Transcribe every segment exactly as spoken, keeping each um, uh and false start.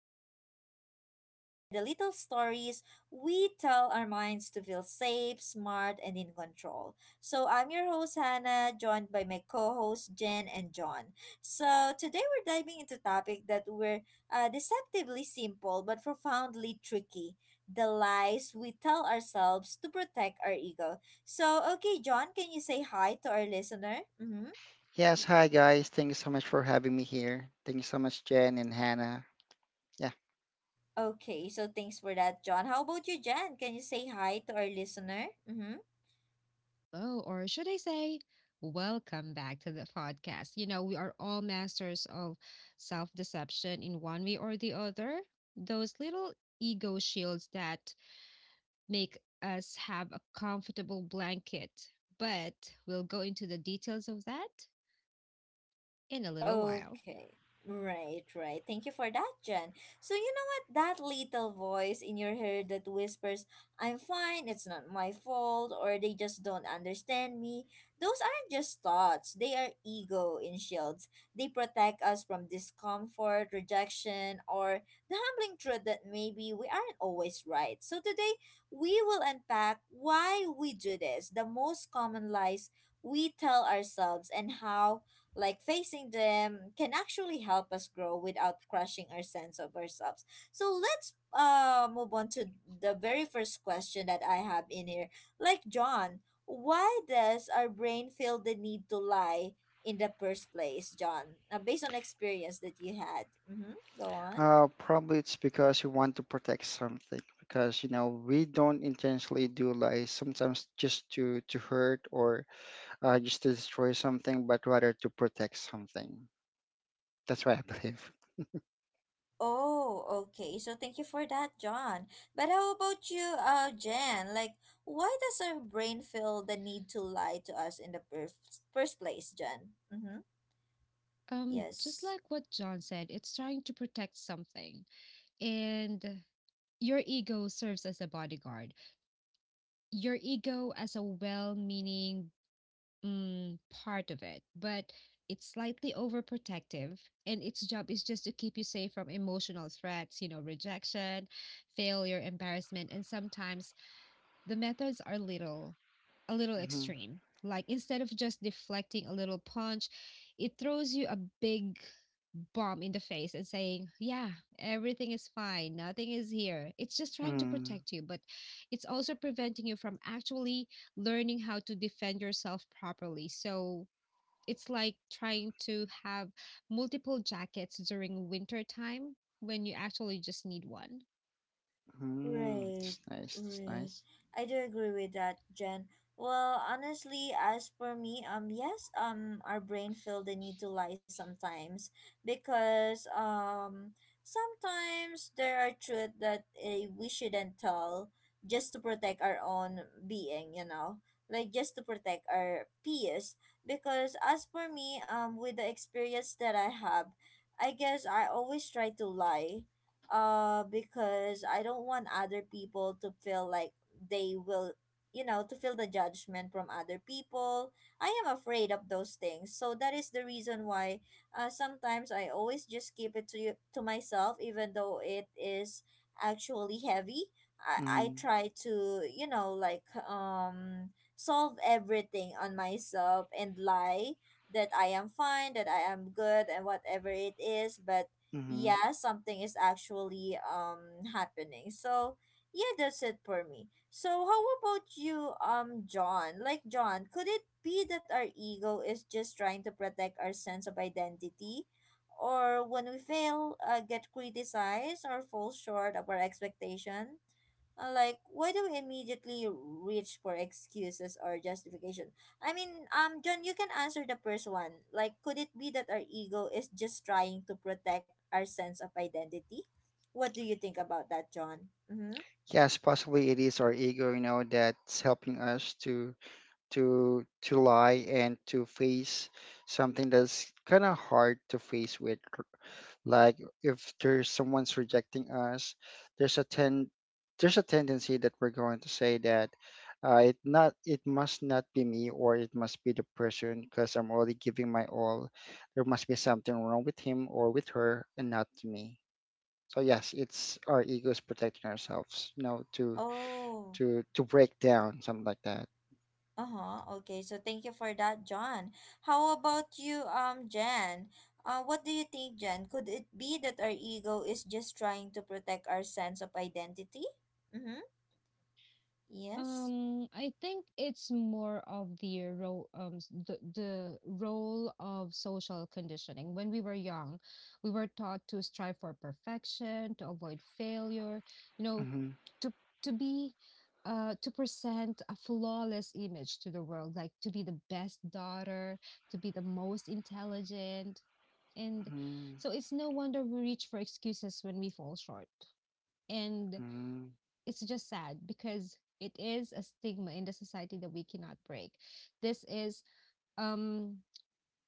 podcast where we explore the little stories we tell our minds to feel safe, smart, and in control. So, I'm your host, Hannah, joined by my co hosts, Jen and John. So, today we're diving into a topic that were uh, deceptively simple but profoundly tricky, the lies we tell ourselves to protect our ego. So, okay, John, can you say hi to our listener? Mm hmm. Yes, hi guys. Thank you so much for having me here. Thank you so much, Jen and Hannah. Yeah, Okay, so thanks for that, John. How about you, Jan? Can you say hi to our listener? Mm-hmm. Hello, or should I say, welcome back to the podcast. You know, we are all masters of self deception in one way or the other. Those little ego shields that make us have a comfortable blanket, but we'll go into the details of that in a little while. Okay. Right, right. Thank you for that, Jen. So you know what? That little voice in your head that whispers, I'm fine, it's not my fault, or they just don't understand me. Those aren't just thoughts. They are ego in shields. They protect us from discomfort, rejection, or the humbling truth that maybe we aren't always right. So today we will unpack why we do this, the most common lies we tell ourselves and how like facing them can actually help us grow without crushing our sense of ourselves. So let's uh move on to the very first question that I have in here. Like John, why does our brain feel the need to lie in the first place, John? Uh, based on experience that you had. Mm-hmm. Go on. uh, probably it's because we want to protect something because you know we don't intentionally do lies sometimes just to to hurt or uh, just to destroy something, but rather to protect something. That's what I believe. Oh, okay. So thank you for that, John. But how about you, uh, Jen? Like, why does our brain feel the need to lie to us in the first first place, Jen? Mm-hmm. Um, just Yes. like what John said, it's trying to protect something, and your ego serves as a bodyguard, your ego as a well meaning, Mm, part of it, but it's slightly overprotective, and its job is just to keep you safe from emotional threats, you know, rejection, failure, embarrassment, and sometimes the methods are little a little Mm-hmm. extreme. Like instead of just deflecting a little punch, it throws you a big bomb in the face and saying, "Yeah, everything is fine. Nothing is here." It's just trying to protect you, but it's also preventing you from actually learning how to defend yourself properly. So, it's like trying to have multiple jackets during winter time when you actually just need one. Mm-hmm. Right, It's nice. It's right. nice. I do agree with that, Jen. Well, honestly, as for me, um, yes, um, our brain feel the need to lie sometimes because um, sometimes there are truth that uh, we shouldn't tell just to protect our own being, you know, like just to protect our peace. Because as for me, um, with the experience that I have, I guess I always try to lie uh because I don't want other people to feel like they will you know to feel the judgment from other people. I am afraid of those things, so that is the reason why uh, sometimes I always just keep it to you to myself even though it is actually heavy. I i Hmm. try to, you know like um solve everything on myself and lie that I am fine, that I am good and whatever it is, but Mm-hmm. yeah, something is actually um happening. So yeah, that's it for me. So how about you, um, John? Like John, could it be that our ego is just trying to protect our sense of identity? Or when we fail, uh, get criticized or fall short of our expectation? Uh, like, why do we immediately reach for excuses or justification? I mean, um, John, you can answer the first one. Like, could it be that our ego is just trying to protect our sense of identity? What do you think about that, John? Mm-hmm. Yes, possibly it is our ego, you know, that's helping us to to to lie and to face something that's kind of hard to face with. Like if there's someone's rejecting us, there's a ten there's a tendency that we're going to say that uh, it not it must not be me or it must be the person because I'm already giving my all. There must be something wrong with him or with her and not me. So yes, it's our egos protecting ourselves, you know, to Oh, to to break down something like that. uh huh. Okay, so thank you for that, John. How about you, um, Jen? Uh, what do you think, Jen? Could it be that our ego is just trying to protect our sense of identity? Mm-hmm. Yes. Um, I think it's more of the role, um, s- the the role of social conditioning. When we were young, we were taught to strive for perfection, to avoid failure, you know, hmm to to be, uh, to present a flawless image to the world, like to be the best daughter, to be the most intelligent, and hmm so it's no wonder we reach for excuses when we fall short, and hmm it's just sad because it is a stigma in the society that we cannot break. This is um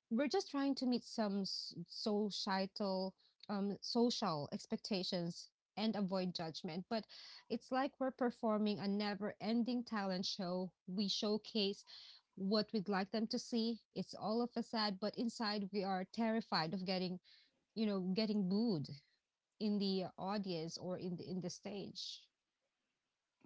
we're just trying to meet some societal um social expectations and avoid judgment, but it's like we're performing a never ending talent show. We showcase what we'd like them to see. It's all of a sad, but inside we are terrified of getting, you know, getting booed in the audience or in the in the stage.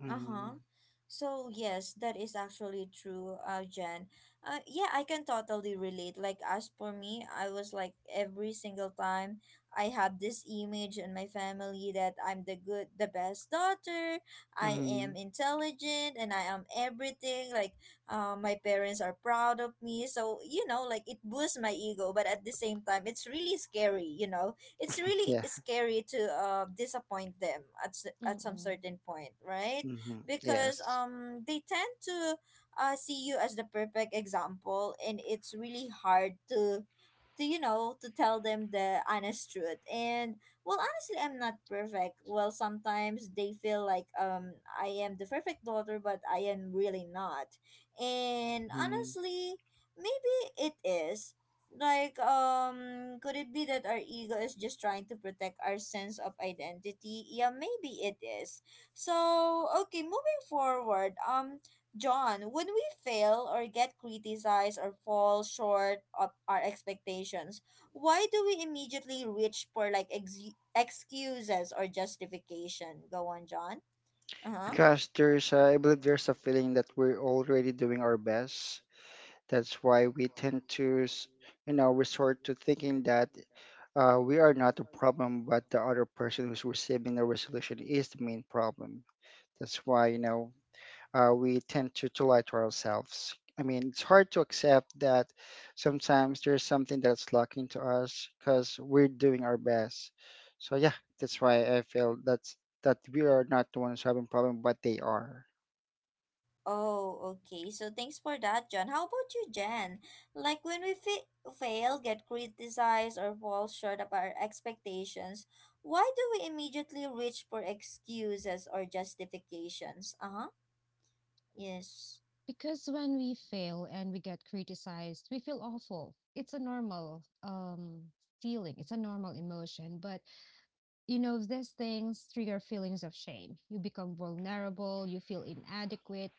hmm Uh-huh. So yes, that is actually true, uh, Jen. Uh, yeah, I can totally relate. Like as for me, I was like every single time I have this image in my family that I'm the good, the best daughter. I am hmm intelligent and I am everything. Like, uh, my parents are proud of me. So you know, like it boosts my ego, but at the same time, it's really scary. You know, it's really Yeah. scary to uh disappoint them at s- at some Mm-mm. certain point, right? Hmm because Yes. um they tend to uh see you as the perfect example and it's really hard to to you know, to tell them the honest truth. And well, honestly, I'm not perfect. Well, sometimes they feel like um I am the perfect daughter, but I am really not. And hmm honestly, maybe it is like, um could it be that our ego is just trying to protect our sense of identity? Yeah, maybe it is. So, okay, moving forward, um, John, when we fail or get criticized or fall short of our expectations, why do we immediately reach for like ex- excuses or justification? Go on, John. Uh huh. Because there's, a, I believe there's a feeling that we're already doing our best. That's why we tend to, s-, you know, resort to thinking that uh, we are not the problem, but the other person who's receiving the resolution is the main problem. That's why, you know, uh, we tend to, to lie to ourselves. I mean, it's hard to accept that sometimes there's something that's lacking to us because we're doing our best. So yeah, that's why I feel that's that we are not the ones having problem, but they are. Oh, okay. So thanks for that, John. How about you, Jen? Like when we fa- fail, get criticized, or fall short of our expectations, why do we immediately reach for excuses or justifications? Uh huh. Yes. Because when we fail and we get criticized, we feel awful. It's a normal um, feeling, it's a normal emotion. But, you know, these things trigger feelings of shame. You become vulnerable, you feel inadequate.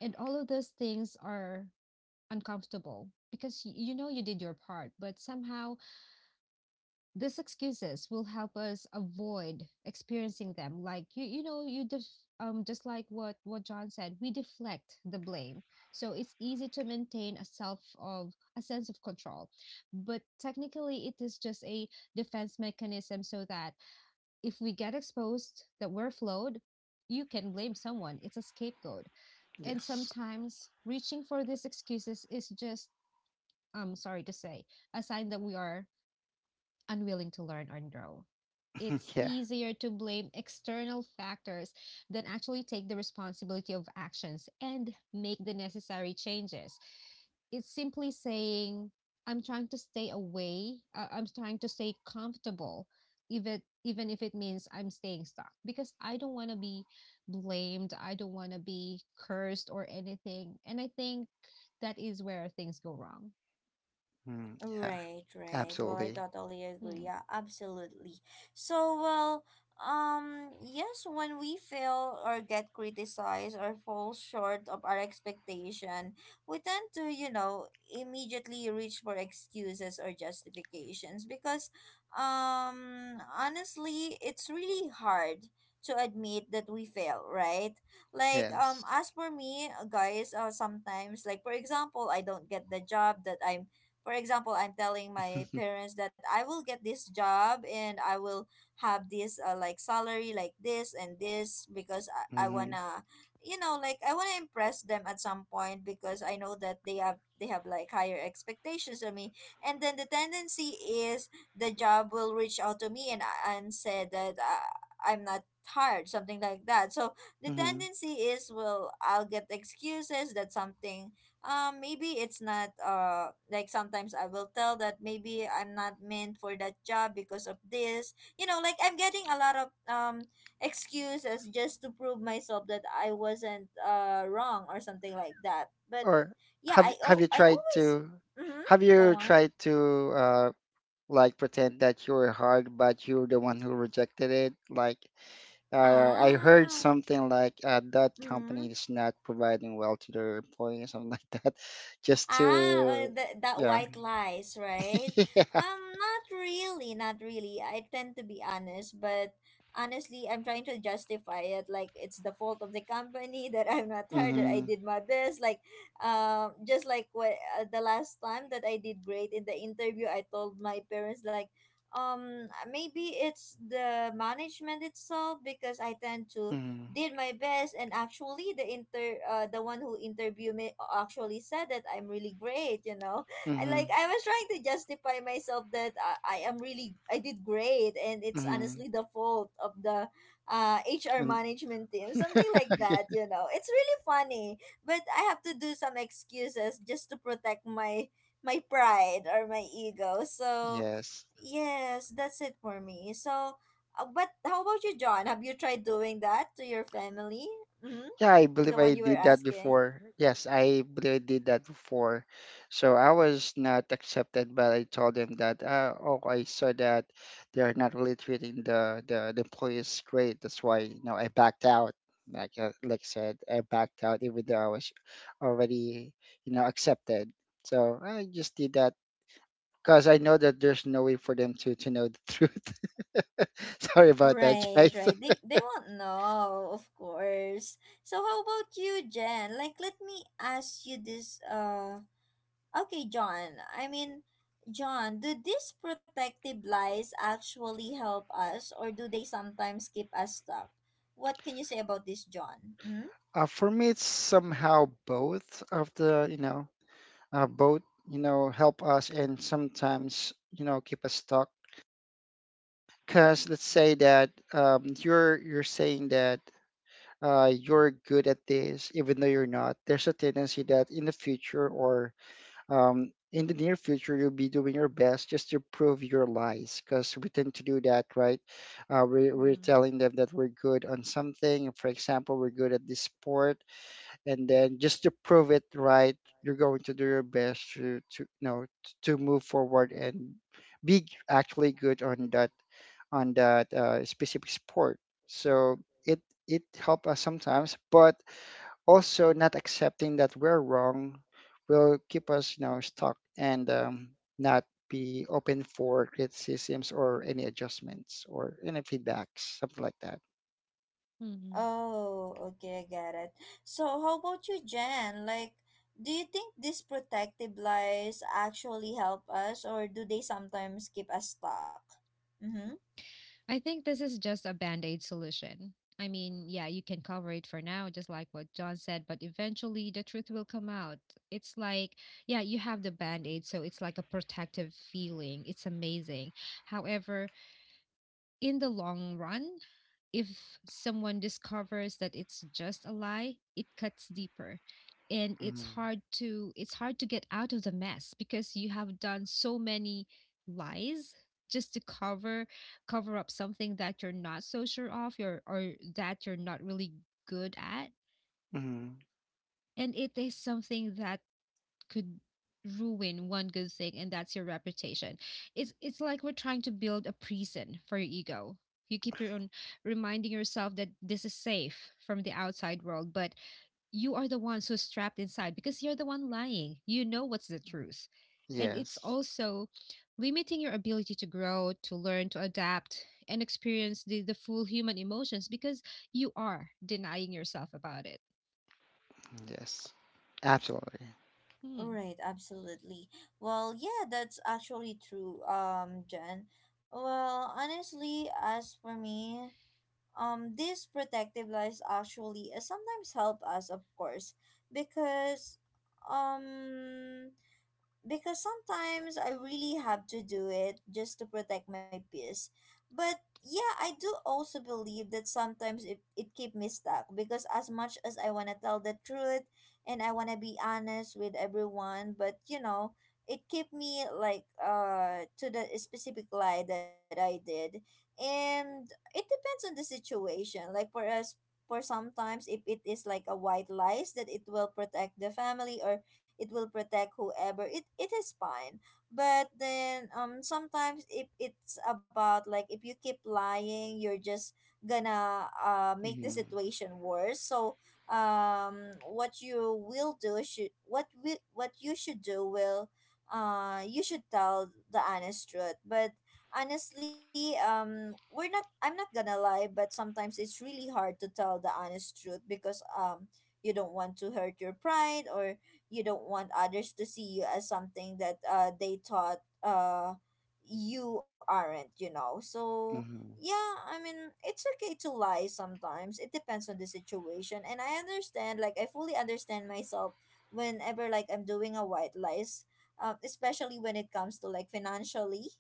And all of those things are uncomfortable because y- you know you did your part, but somehow these excuses will help us avoid experiencing them. Like you you know you def- um just like what what John said, we deflect the blame, so it's easy to maintain a self of a sense of control, but technically it is just a defense mechanism, so that if we get exposed that we're flawed, you can blame someone. It's a scapegoat. And Yes. sometimes reaching for these excuses is just, I'm sorry to say, a sign that we are unwilling to learn or grow. It's Yeah. easier to blame external factors than actually take the responsibility of actions and make the necessary changes. It's simply saying, I'm trying to stay away, uh, I'm trying to stay comfortable, even even if it means I'm staying stuck because I don't want to be blamed, I don't want to be cursed or anything. And I think that is where things go wrong. Mm, yeah. Right, right. Well, I Absolutely. totally agree. Hmm. Yeah, absolutely. So, well, um, yes, when we fail or get criticized or fall short of our expectation, we tend to, you know, immediately reach for excuses or justifications because, um, honestly, it's really hard to admit that we fail, right? Like, um, Yes. as for me, uh, guys, uh, sometimes, like, for example, I don't get the job that I'm, for example, I'm telling my parents that I will get this job and I will have this uh, like salary like this and this because i, I hmm wanna, you know, like I want to impress them at some point because I know that they have they have like higher expectations of me. And then the tendency is the job will reach out to me and and say that uh, I'm not tired, something like that. So the hmm tendency is, well, I'll get excuses that something, um maybe it's not, uh like sometimes I will tell that maybe I'm not meant for that job because of this, you know, like I'm getting a lot of um excuses just to prove myself that I wasn't uh wrong or something like that. But Or yeah, i have al- have I you tried always to mm-hmm, have go you on, tried to uh like pretend that you're hard, but you're the one who rejected it? Like Uh, I heard ah. something like uh, that company is not providing well to their employees, something like that, just to, Ah, uh, the that yeah, white lies, right? yeah, Um, not really, not really. I tend to be honest, but honestly, I'm trying to justify it like it's the fault of the company that I'm not tired, that I mm-hmm, did my best. Like, um, just like what uh, the last time that I did great in the interview, I told my parents like, um, maybe it's the management itself because I tend to mm-hmm, did my best and actually the inter uh, the one who interviewed me actually said that I'm really great, you know. I mm-hmm, like I was trying to justify myself that I, I am really, I did great and it's mm-hmm, honestly the fault of the uh, H R and management team, something like that, you know. It's really funny, but I have to do some excuses just to protect my my pride or my ego. So, yes, yes, that's it for me. So, uh, but how about you, John? Have you tried doing that to your family? Mm-hmm. Yeah, I believe The I one you were did that asking. before. Yes, I believe I did that before. So I was not accepted, but I told them that, uh, oh, I saw that they are not really treating the, the, the employees great. That's why, you know, I backed out. Like, uh, like I said, I backed out even though I was already, you know, accepted. So I just did that because I know that there's no way for them to, to know the truth. Sorry about that, Right, guys. right. They they won't know, of course. So how about you, Jen? Like let me ask you this uh okay, John. I mean, John, do these protective lies actually help us or do they sometimes keep us stuck? What can you say about this, John? Mm-hmm. Uh, for me, it's somehow both of the, you know, uh, both you know help us and sometimes you know keep us stuck because let's say that um, you're you're saying that uh, you're good at this even though you're not. There's a tendency that in the future or um, in the near future you'll be doing your best just to prove your lies because we tend to do that, right? Uh, we're, we're Mhm. telling them that we're good on something, for example, we're good at this sport, and then just to prove it, right, you're going to do your best to to you know t- to move forward and be actually good on that on that uh, specific sport. So it it helps us sometimes, but also not accepting that we're wrong will keep us you know stuck, and um, not be open for criticisms or any adjustments or any feedbacks, something like that. Mhm. Oh, okay, I get it. So, how about you, Jen? Like, do you think these protective lies actually help us, or do they sometimes keep us stuck? Mm-hmm. I think this is just a band aid solution. I mean, yeah, you can cover it for now, just like what John said, but eventually the truth will come out. It's like, yeah, you have the band aid, so it's like a protective feeling. It's amazing. However, in the long run, if someone discovers that it's just a lie, it cuts deeper and it's Mm-hmm. hard to it's hard to get out of the mess because you have done so many lies just to cover cover up something that you're not so sure of, or, or that you're not really good at. And it is something that could ruin one good thing, and that's your reputation. It's it's like we're trying to build a prison for your ego. You keep your own reminding yourself that this is safe from the outside world, but you are the ones who's trapped inside because you're the one lying, you know what's the truth. And it's Yes. also limiting your ability to grow, to learn, to adapt, and experience the, the full human emotions because you are denying yourself about it. Yes, absolutely. Hmm. Right, absolutely. Well, yeah, that's actually true, um, Jen. Well, honestly, as for me, um, these protective lies actually uh, sometimes help us, of course, because um because sometimes I really have to do it just to protect my peace. But yeah, I do also believe that sometimes it, it keep me stuck because as much as I want to tell the truth and I want to be honest with everyone, but you know, it kept me like uh to the specific lie that I did. And it depends on the situation. Like for us for sometimes if it is like a white lies that it will protect the family or it will protect whoever it it is fine. But then um sometimes if it's about like if you keep lying, you're just gonna uh make the Mhm, situation worse. So um what you will do should what we what you should do will uh you should tell the honest truth. But honestly, um we're not I'm not gonna lie, but sometimes it's really hard to tell the honest truth because um you don't want to hurt your pride, or you don't want others to see you as something that uh they thought uh you aren't, you know. So mhm, yeah, I mean, it's okay to lie sometimes. It depends on the situation, and I understand, like I fully understand myself whenever like I'm doing a white lies, um, especially when it comes to like financially,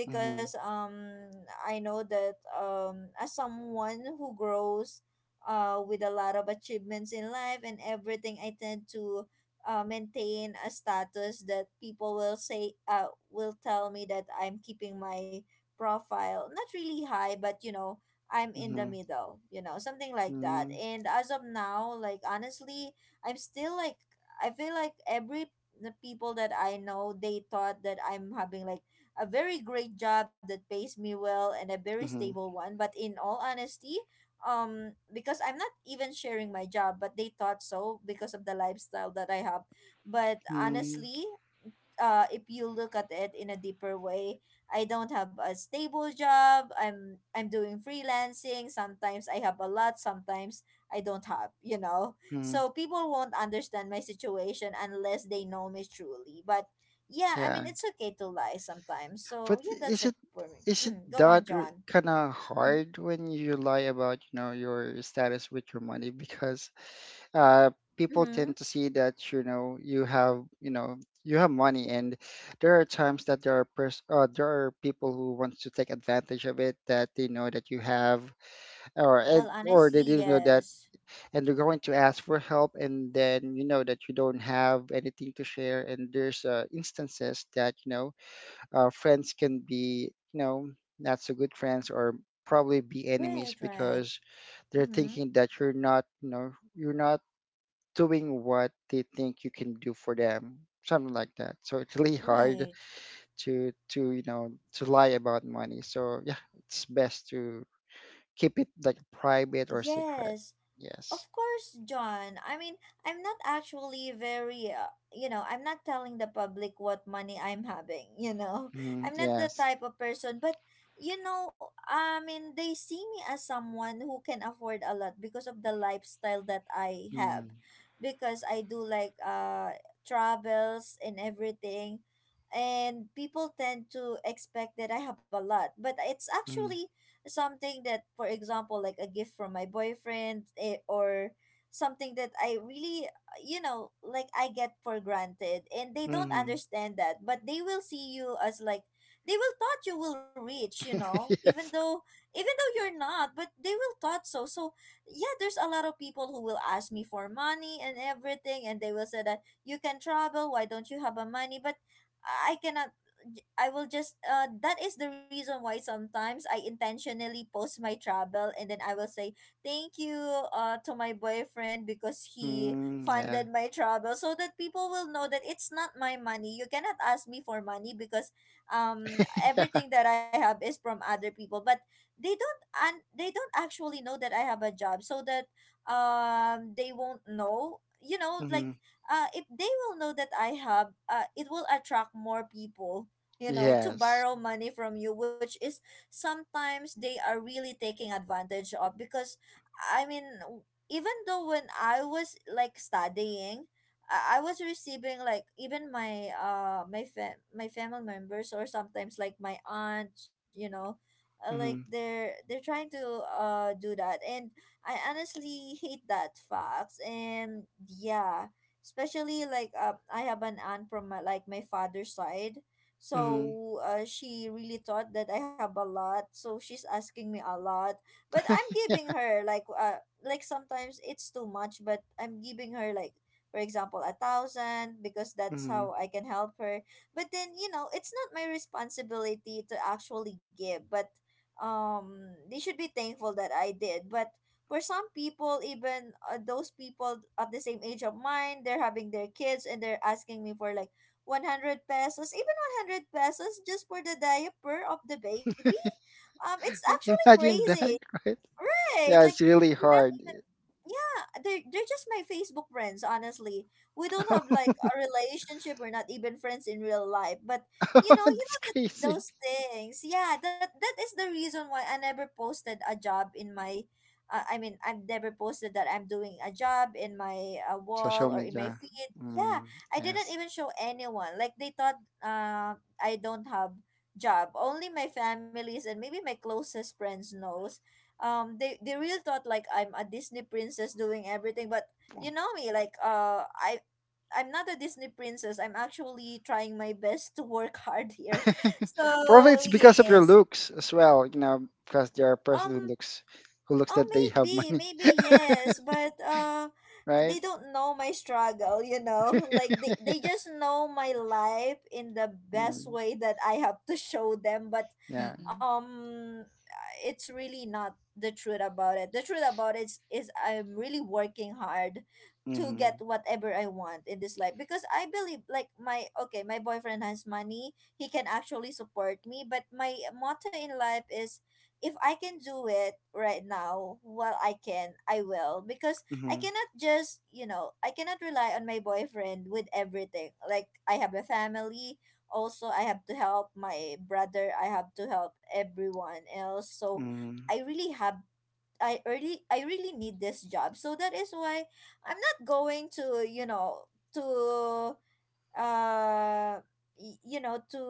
because mhm, um I know that um as someone who grows uh with a lot of achievements in life and everything, I tend to uh, maintain a status that people will say, uh, will tell me that I'm keeping my profile not really high, but you know, I'm in the mhm, middle, you know, something like that. mhm, And as of now, like honestly, I'm still like, I feel like every the people that I know, they thought that I'm having like a very great job that pays me well and a very mhm, stable one. But in all honesty, um because I'm not even sharing my job, but they thought so because of the lifestyle that I have. But mhm, honestly, uh if you look at it in a deeper way, I don't have a stable job. I'm i'm doing freelancing. Sometimes I have a lot, sometimes I don't have, you know. mhm. So people won't understand my situation unless they know me truly. But yeah, I mean, Yeah, it's okay to lie sometimes. So but yeah, that's is it it for me. is it mm, Go on, that John. kind of Mm-hmm. hard when you lie about you know your status with your money because uh people Mm-hmm. tend to see that you know you have you know you have money and there are times that there are pers- uh, there are people who want to take advantage of it, that they know that you have, or Well, and, or honestly, they didn't know that, yes. and they're going to ask for help and then you know that you don't have anything to share, and there's uh, instances that you know uh, friends can be you know not so good friends or probably be enemies Right, right. because they're Mm-hmm. thinking that you're not you know you're not doing what they think you can do for them, something like that. So it's really hard Right. to to you know to lie about money. So yeah, it's best to keep it like private or secret. Yes. Of Yes. course, John. I mean, I'm not actually very, uh, you know, I'm not telling the public what money I'm having, you know. Mm, I'm not the yes. type of person. But you know, I mean, they see me as someone who can afford a lot because of the lifestyle that I have. Mm, Because I do like uh travels and everything. And people tend to expect that I have a lot, but it's mm, actually something that, for example, like a gift from my boyfriend, eh, or something that I really, you know, like I get for granted, and they don't mhm. understand that. But they will see you as like they will thought you will reach, you know, even Yes. though, even though you're not, but they will thought so. So yeah, there's a lot of people who will ask me for money and everything, and they will say that you can travel, why don't you have a money. But i I cannot, j- I will just uh that is the reason why sometimes I intentionally post my travel, and then I will say thank you uh to my boyfriend because he Mm, yeah. funded my travel, so that people will know that it's not my money. You cannot ask me for money because um Yeah. everything that I have is from other people. But they don't, and they don't actually know that I have a job, so that um they won't know. You know, like Mhm. uh, if they will know that I have, uh, it will attract more people, you know, to Yes. borrow money from you, which is sometimes they are really taking advantage of. Because, I mean, w- even though when I was like studying, I I was receiving like, even my uh my fam- my family members, or sometimes like my aunt, you know, uh, like Mm, they're they're trying to uh do that. And I honestly hate that facts. And yeah, especially like um I have an aunt from my, like my father's side, mhm. so uh, she really thought that I have a lot. So she's asking me a lot, but I'm Yeah. giving her like, uh like sometimes it's too much, but I'm giving her like, for example, a thousand, because that's Mhm. how I can help her. But then you know, it's not my responsibility to actually give, but um they should be thankful that I did. But for some people, even uh, those people at the same age of mine, they're having their kids and they're asking me for like a hundred pesos. Even hundred pesos just for the diaper of the baby? Um, it's actually Imagine crazy, that, right? right? Yeah, Like, it's really hard. yeah, they're they're just my Facebook friends, honestly. We don't have like a relationship. We're not even friends in real life. But you know, you It's know that crazy. those things. Yeah, that that is the reason why I never posted a job in my uh, I mean, I've never posted that I'm doing a job in my uh, Social wall or in my media. feed. Yeah, Mm, I didn't yes. even show anyone. Like they thought uh I don't have job. Only my families and maybe my closest friends knows. um they they really thought like I'm a Disney princess doing everything. But you know me, like uh i I'm not a Disney princess, I'm actually trying my best to work hard here. So Probably it's because of your yes. looks as well, you know, because there are a person who um looks who looks oh, that they have maybe, money, maybe, yes, but uh right? they don't know my struggle, you know? Like they, they just know my life in the best Mm, way that I have to show them. But yeah. Mm-mm. um it's really not the truth about it. The truth about it is, is I'm really working hard to Mm-hmm. get whatever I want in this life, because I believe like my, okay, my boyfriend has money, he can actually support me, but my motto in life is if I can do it right now while I can, I will, because I Mm-hmm. cannot just, you know, I cannot rely on my boyfriend with everything. Like I have a family, also I have to help my brother, I have to help everyone else. So Mm-hmm. I really have, I really I really need this job. So that is why I'm not going to, you know, to uh y- you know to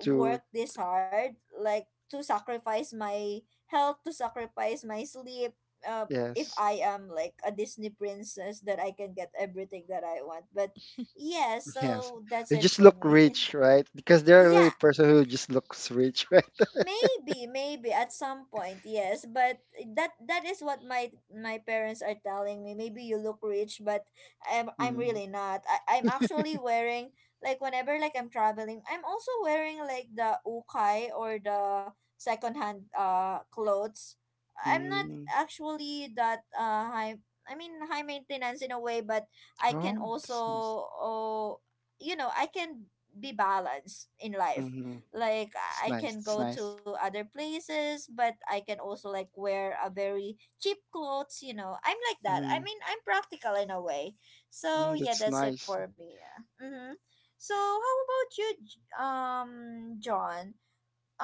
To work this hard, like to sacrifice my health, to sacrifice my sleep, uh, if yes. I am like a Disney princess that I can get everything that I want. But yeah, Yes. so that's You it just for look me. rich, right? Because they're really Yeah, person who just looks rich, right? maybe, maybe at some point, yes, but that that is what my my parents are telling me, maybe you look rich, but i'm i'm Mm-hmm. really not. I, I'm actually wearing, like whenever like I'm traveling, I'm also wearing like the ukai, or the secondhand uh clothes. I'm not Mm. actually that uh high, I mean, high maintenance in a way. But I can Oh, that's also, nice. oh, you know, I can be balanced in life. Mm-hmm. Like It's I nice. can It's go to nice. other places, but I can also like wear a very cheap clothes. You know, I'm like that, I Mm-hmm. mean, I'm practical in a way. So Mm, yeah, that's that's it nice. for me. Yeah. Mm-hmm. So how about you, J- um John?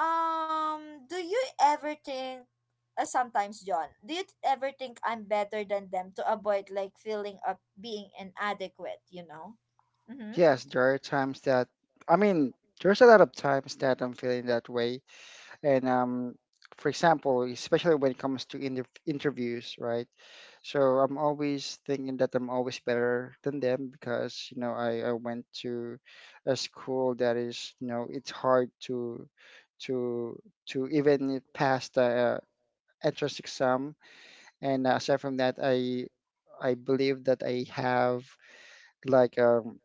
um Do you ever think, uh, sometimes john do you ever think I'm better than them to avoid like feeling of being inadequate, you know? Mm-hmm. Yes, there are times that I mean, there's a lot of times that I'm feeling that way, and um, for example, especially when it comes to inter interviews, right? So I'm always thinking that I'm always better than them because you know I, I went to a school that is you know it's hard to to to even pass the uh, entrance exam, and aside from that I I believe that I have like um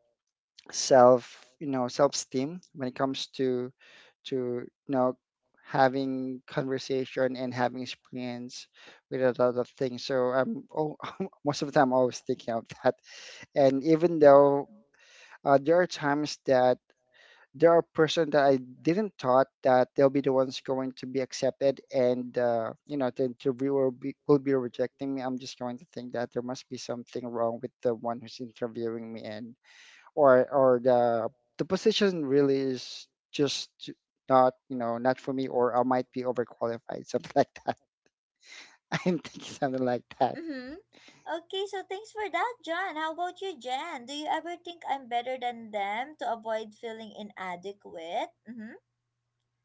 self you know self esteem when it comes to to you know having conversation and having experience with a lot of things. So I'm oh, most of the time always thinking of that, and even though uh, there are times that there are person that I didn't thought that they'll be the ones going to be accepted and uh, you know the interviewer be, will be rejecting me, I'm just going to think that there must be something wrong with the one who's interviewing me, and or or the the position really is just not you know not for me, or I might be overqualified something like that. I'm thinking something like that. Mm-hmm. Okay, so thanks for that, John. How about you, Jen? Do you ever think I'm better than them to avoid feeling inadequate? Mm-hmm.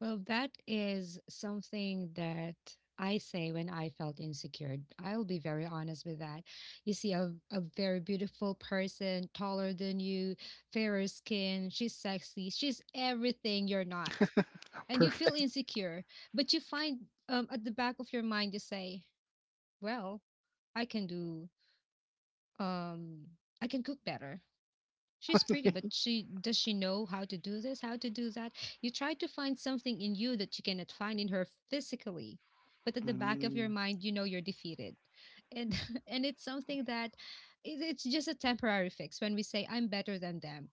Well, that is something that I say when I felt insecure. I'll be very honest with that. You see a, a very beautiful person, taller than you, fairer skin, she's sexy, she's everything you're not. And you feel Perfect. insecure, but you find, um, at the back of your mind, you say, well, I can do, um, I can cook better. She's pretty, but she does she know how to do this, how to do that? You try to find something in you that you cannot find in her physically, but at the back of Mm. your mind, you know you're defeated, and and it's something that it- it's just a temporary fix. When we say I'm better than them,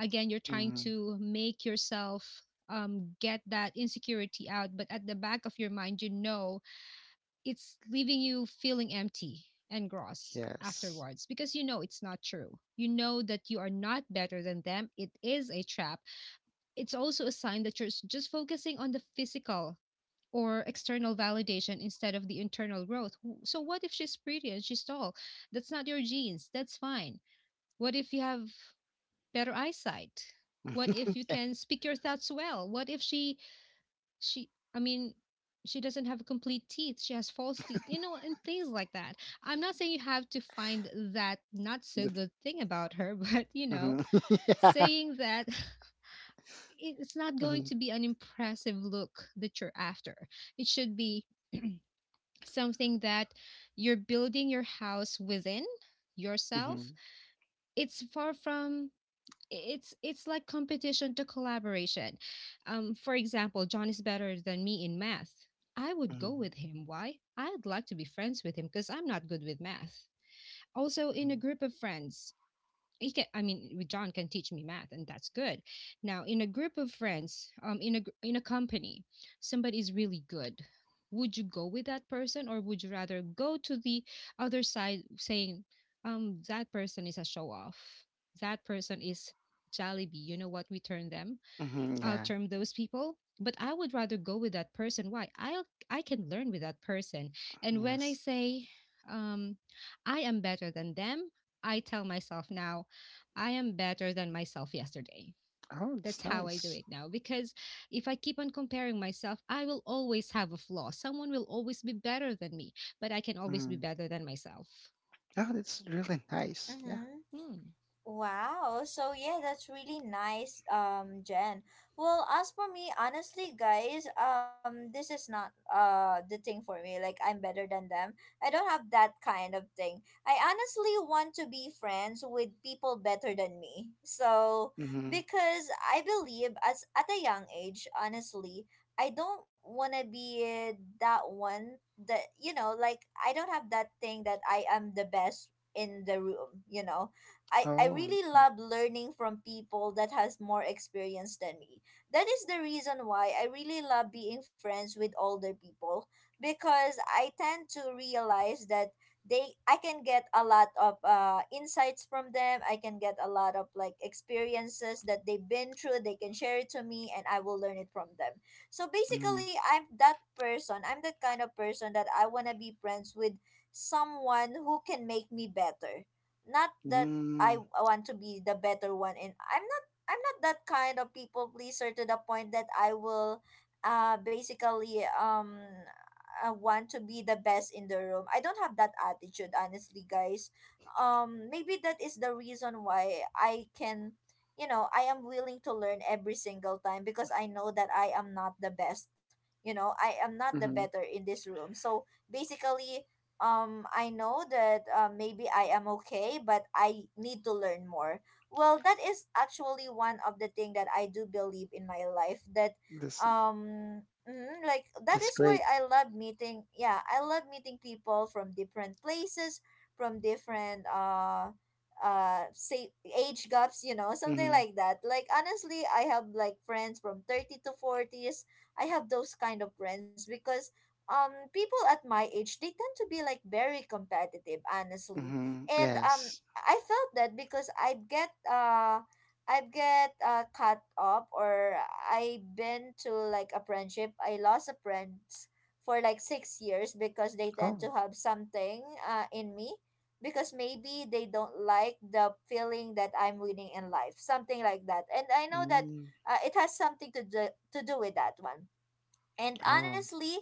again, you're trying Mm. to make yourself, um, get that insecurity out, but at the back of your mind, you know it's leaving you feeling empty and gross Yes. afterwards because you know it's not true. You know that you are not better than them. It is a trap. It's also a sign that you're just focusing on the physical or external validation instead of the internal growth. So what if she's pretty and she's tall? That's not your genes. That's fine. What if you have better eyesight? What if you Yeah. can speak your thoughts well? What if she she i mean she doesn't have complete teeth, she has false teeth, you know, and things like that. I'm not saying you have to find that not so The- good thing about her but you know, mhm. Yeah. saying that it's not going Hmm. to be an impressive look that you're after. It should be something that you're building your house within Hmm. yourself. It's far from, it's it's like competition to collaboration. Um, for example, John is better than me in math. I would go with Hmm. him. Why? I'd like to be friends with him because I'm not good with math. Also, in a group of friends, he can, i mean John can teach me math and that's good. Now in a group of friends, um in a gr- in a company, somebody is really good. Would you go with that person, or would you rather go to the other side saying, um, that person is a show off, that person is jollibee, you know what we turn them Hmm. Yeah. outterm those people. But I would rather go with that person. Why? i'll I can learn with that person. And when I Yes. say, um, I am better than them, I tell myself now, I am better than myself yesterday. Oh, That's that's how I do nice. it now. Because if I keep on comparing myself, I will always have a flaw. Someone will always be better than me, but I can always be Mm. better than myself. Oh, that's really nice. Yeah. Mm-hmm. Hmm. Wow. So yeah, that's really nice, um, Jen. Well, as for me, honestly, guys, um, this is not uh the thing for me. Like I'm better than them. I don't have that kind of thing. I honestly want to be friends with people better than me. So Hmm. because I believe, as at a young age, honestly, I don't wanna be uh, that one, that, you know, like I don't have that thing that I am the best in the room, you know. I, I Oh. really Okay. love learning from people that has more experience than me. That is the reason why I really love being friends with older people, because I tend to realize that they, I can get a lot of uh, insights from them. I can get a lot of like experiences that they've been through. They can share it to me and I will learn it from them. So Mm-hmm. basically, I'm that person. I'm that kind of person that I want to be friends with someone who can make me better, not that Mm-hmm. I want to be the better one. And I'm not I'm not that kind of people pleaser to the point that I will uh basically um uh, want to be the best in the room. I don't have that attitude, honestly, guys. Um maybe that is the reason why I can, you know, I am willing to learn every single time, because I know that I am not the best. You know, I am not the better in this room. So basically, um I know that uh, maybe I am okay, but I need to learn more. Well, that is actually one of the thing that I do believe in my life, that This that's um mm, like that that's is why great. I love meeting, yeah, I love meeting people from different places, from different uh uh say age gaps, you know, something Mm-hmm. like that. Like honestly, I have like friends from thirty to forties. I have those kind of friends because um people at my age, they tend to be like very competitive, honestly. Mm-hmm. And um Yes. I felt that because I get uh i get uh cut up, or I've been to like a friendship, I lost a friend for like six years because they tend Oh. to have something uh in me, because maybe they don't like the feeling that I'm winning in life, something like that. And I know that Mm. uh, it has something to do to do with that one. And Oh. honestly,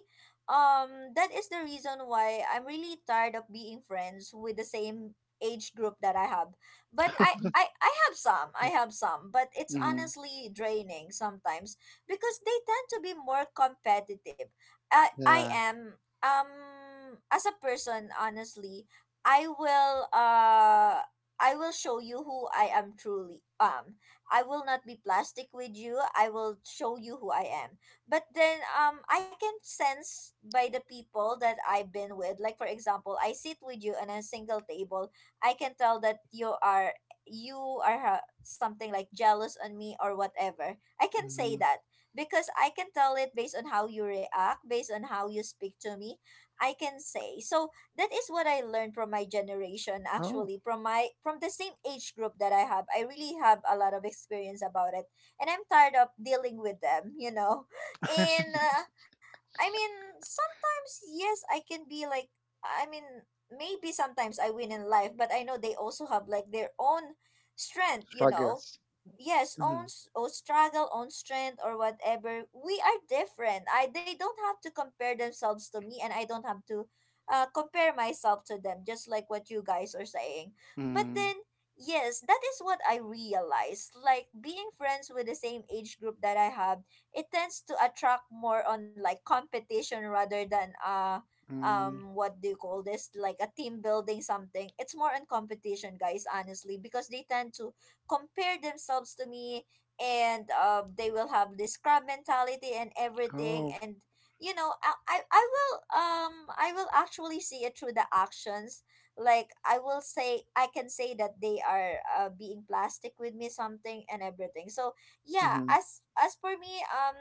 um, that is the reason why I'm really tired of being friends with the same age group that I have. But I, I, I have some, I have some, but it's Mm-hmm. honestly draining sometimes because they tend to be more competitive. I, I Yeah. am, um, as a person, honestly, I will, uh, I will show you who I am truly. Um, I will not be plastic with you. I will show you who I am, but then um I can sense by the people that I've been with. Like, for example, I sit with you on a single table. I can tell that you are you are uh, something like jealous on me or whatever. I can say Mm-hmm. that, because I can tell it based on how you react, based on how you speak to me, I can say. So that is what I learned from my generation, Oh. actually, from my from the same age group that I have. I really have a lot of experience about it, and I'm tired of dealing with them, you know. And, uh, I mean, sometimes, yes, I can be like, I mean, maybe sometimes I win in life, but I know they also have like their own strength, you know. Struggles. Yes, Mm-hmm. own s- own struggle, own strength, or whatever. We are different. I they don't have to compare themselves to me, and I don't have to uh, compare myself to them. Just like what you guys are saying, but Mm-hmm. then. Yes, that is what I realized. Like, being friends with the same age group that I have, it tends to attract more on like competition rather than uh Mm, mm. um what do you call this, like a team building something. It's more on competition, guys, honestly, because they tend to compare themselves to me, and uh, they will have this crab mentality and everything. Oh. And you know I, I i will um i will actually see it through the actions. Like, i will say i can say that they are uh, being plastic with me, something and everything. So yeah, Mm-hmm. as as for me, um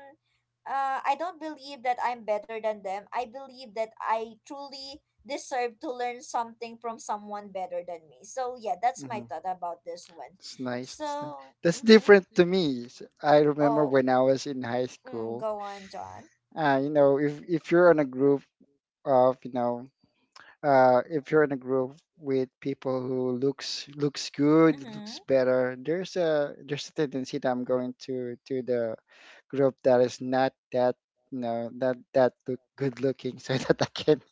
uh I don't believe that I'm better than them. I believe that I truly deserve to learn something from someone better than me. So yeah, that's my Mm-hmm. thought about this one. It's nice. It's nice. So, That's mm-hmm. different to me. S- I remember Oh. when I was in high mm, school. Go on, John. Uh, you know, if if you're in a group of, you know, uh, if you're in a group with people who looks looks good, Mm-hmm. looks better, there's a there's a tendency that I'm going to to the group that is not that you know not that look, good looking so that I can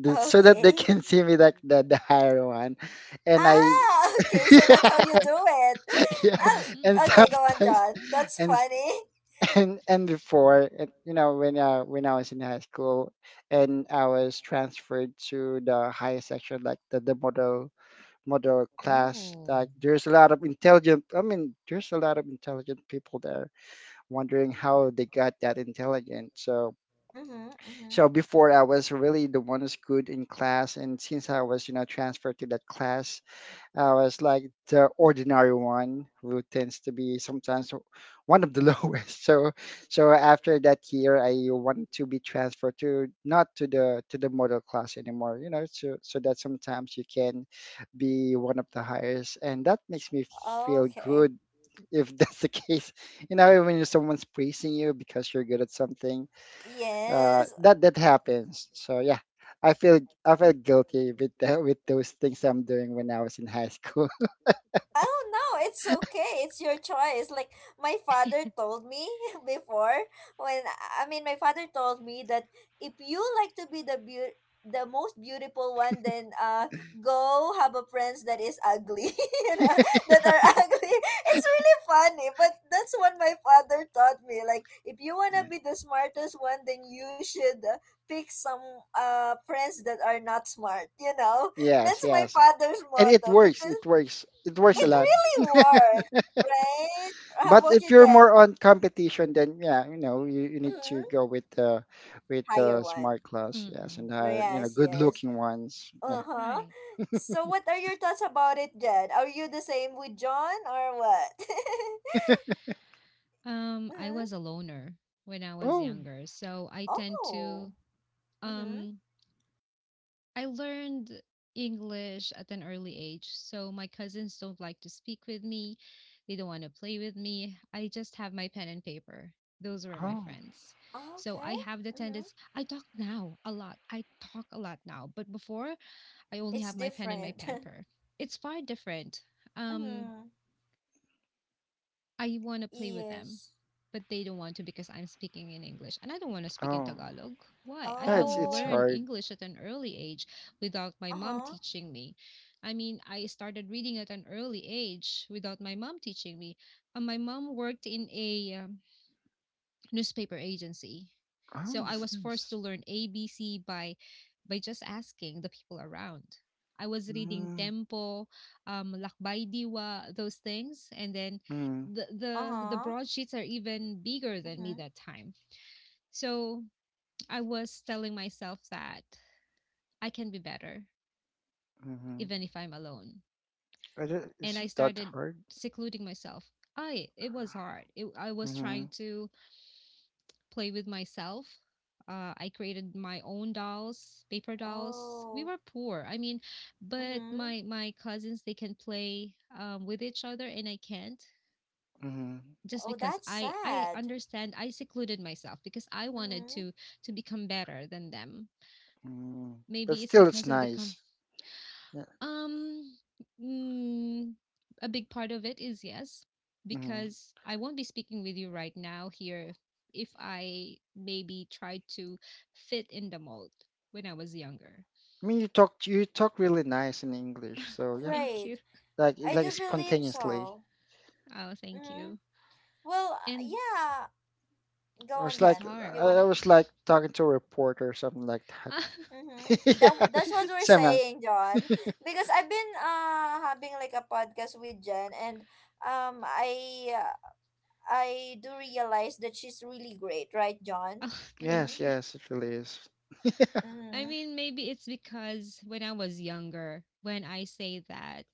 do- so that they Okay. can see me like the, the higher one, and I Ah. Okay, so that's how you do it. yeah, and Ah, Mhm. okay, go on, sometimes John, that's and funny. and and before and, you know when uh, when I was in high school and I was transferred to the higher section like the, the model model class. Oh. Like there's a lot of intelligent I mean there's a lot of intelligent people there, wondering how they got that intelligent. So Mm-hmm, mm-hmm. so before I was really the one who's good in class, and since I was, you know, transferred to that class, I was like the ordinary one who tends to be sometimes one of the lowest. So, so after that year, I wanted to be transferred to not to the to the model class anymore, you know, so so that sometimes you can be one of the highest, and that makes me feel Okay. good if that's the case. You know, when someone's praising you because you're good at something, uh, Yes. that that happens. So yeah, I feel I feel guilty with the, with those things I'm doing when I was in high school. Oh no, it's okay. It's your choice. Like, my father told me before when I mean, my father told me that if you like to be the beau- the most beautiful one, then uh go have a friends that is ugly, you know, that are ugly. It's really funny, but that's what my father taught me, like, if you want to be the smartest one, then you should, uh, pick some uh friends that are not smart you know Yeah. Yes, That's my yes, father's and it motto, works. because It works. It works a it lot. Mm. really works, right? How But about if you, you're Jen? more on competition, then yeah, you know, you, you need to Mm-hmm. go with the with Higher the one. smart class. Yes, Mm-mm. and uh, you know, Yes, good yes. looking ones. Yeah. Uh-huh. Right. So what are your thoughts about it, Jen? Are you the same with John or what? Um, I Mm-hmm. was a loner when I was Oh, younger, so I tend Oh. to, Mm-hmm. um I learned English at an early age, so my cousins don't like to speak with me. They don't want to play with me. I just have my pen and paper. Those were my oh, friends. So Okay. I have the Mm-hmm. tendency, I talk now a lot. I talk a lot now, but before I only It's have my pen and my different. pamper. It's far different. Um, Mm-hmm. I want to play with them, Yes. but they don't want to because I'm speaking in English and I don't want to speak in oh. Tagalog. Why? I Yeah, have it's it's Oh. learned hard. English at an early age without my mom Uh-huh. teaching me. I mean, I started reading at an early age without my mom teaching me. And my mom worked in a, um, newspaper agency. Oh, So I that's was forced nice. to learn A B C by by just asking the people around. I was reading Mm, Tempo, um, Lakbay Diwa, those things, and then mm, the the the Uh-huh. broadsheets are even bigger than Mm-hmm. me that time. So I was telling myself that I can be better mm-hmm. even if I'm alone, and Is I it that started hard? secluding myself. I It was hard. It, I was Mm-hmm. trying to play with myself. Uh, I created my own dolls, paper dolls. We Oh. were poor, I mean, but Mm-hmm. my my cousins they can play, um, with each other, and I can't, Hmm. just Oh, because that's I I sad. understand, I secluded myself because I wanted Mm-hmm. to to become better than them. Mm. But Maybe it's still, it's because of the, nice. Yeah. um, mm, a big part of it is yes, Hmm. because I won't be speaking with you right now here if I maybe tried to fit in the mold when I was younger. I mean, you talk you talk really nice in English, so yeah, Thank Right. you. like I like do believe spontaneously. so. Oh, thank hmm you. Well, uh, And yeah. I Go on, was it's like Jen. Do I you hard. want I to? was like talking to a reporter or something like that. Oh, Mm-hmm. That Yeah. that's what we're Somehow. saying, John. Because I've been uh having like a podcast with Jen, and um, I uh, I do realize that she's really great, right, John? Yes, thank Mm-hmm. you. yes, it really is. I Mm-hmm. mean, maybe it's because when I was younger, when I say that,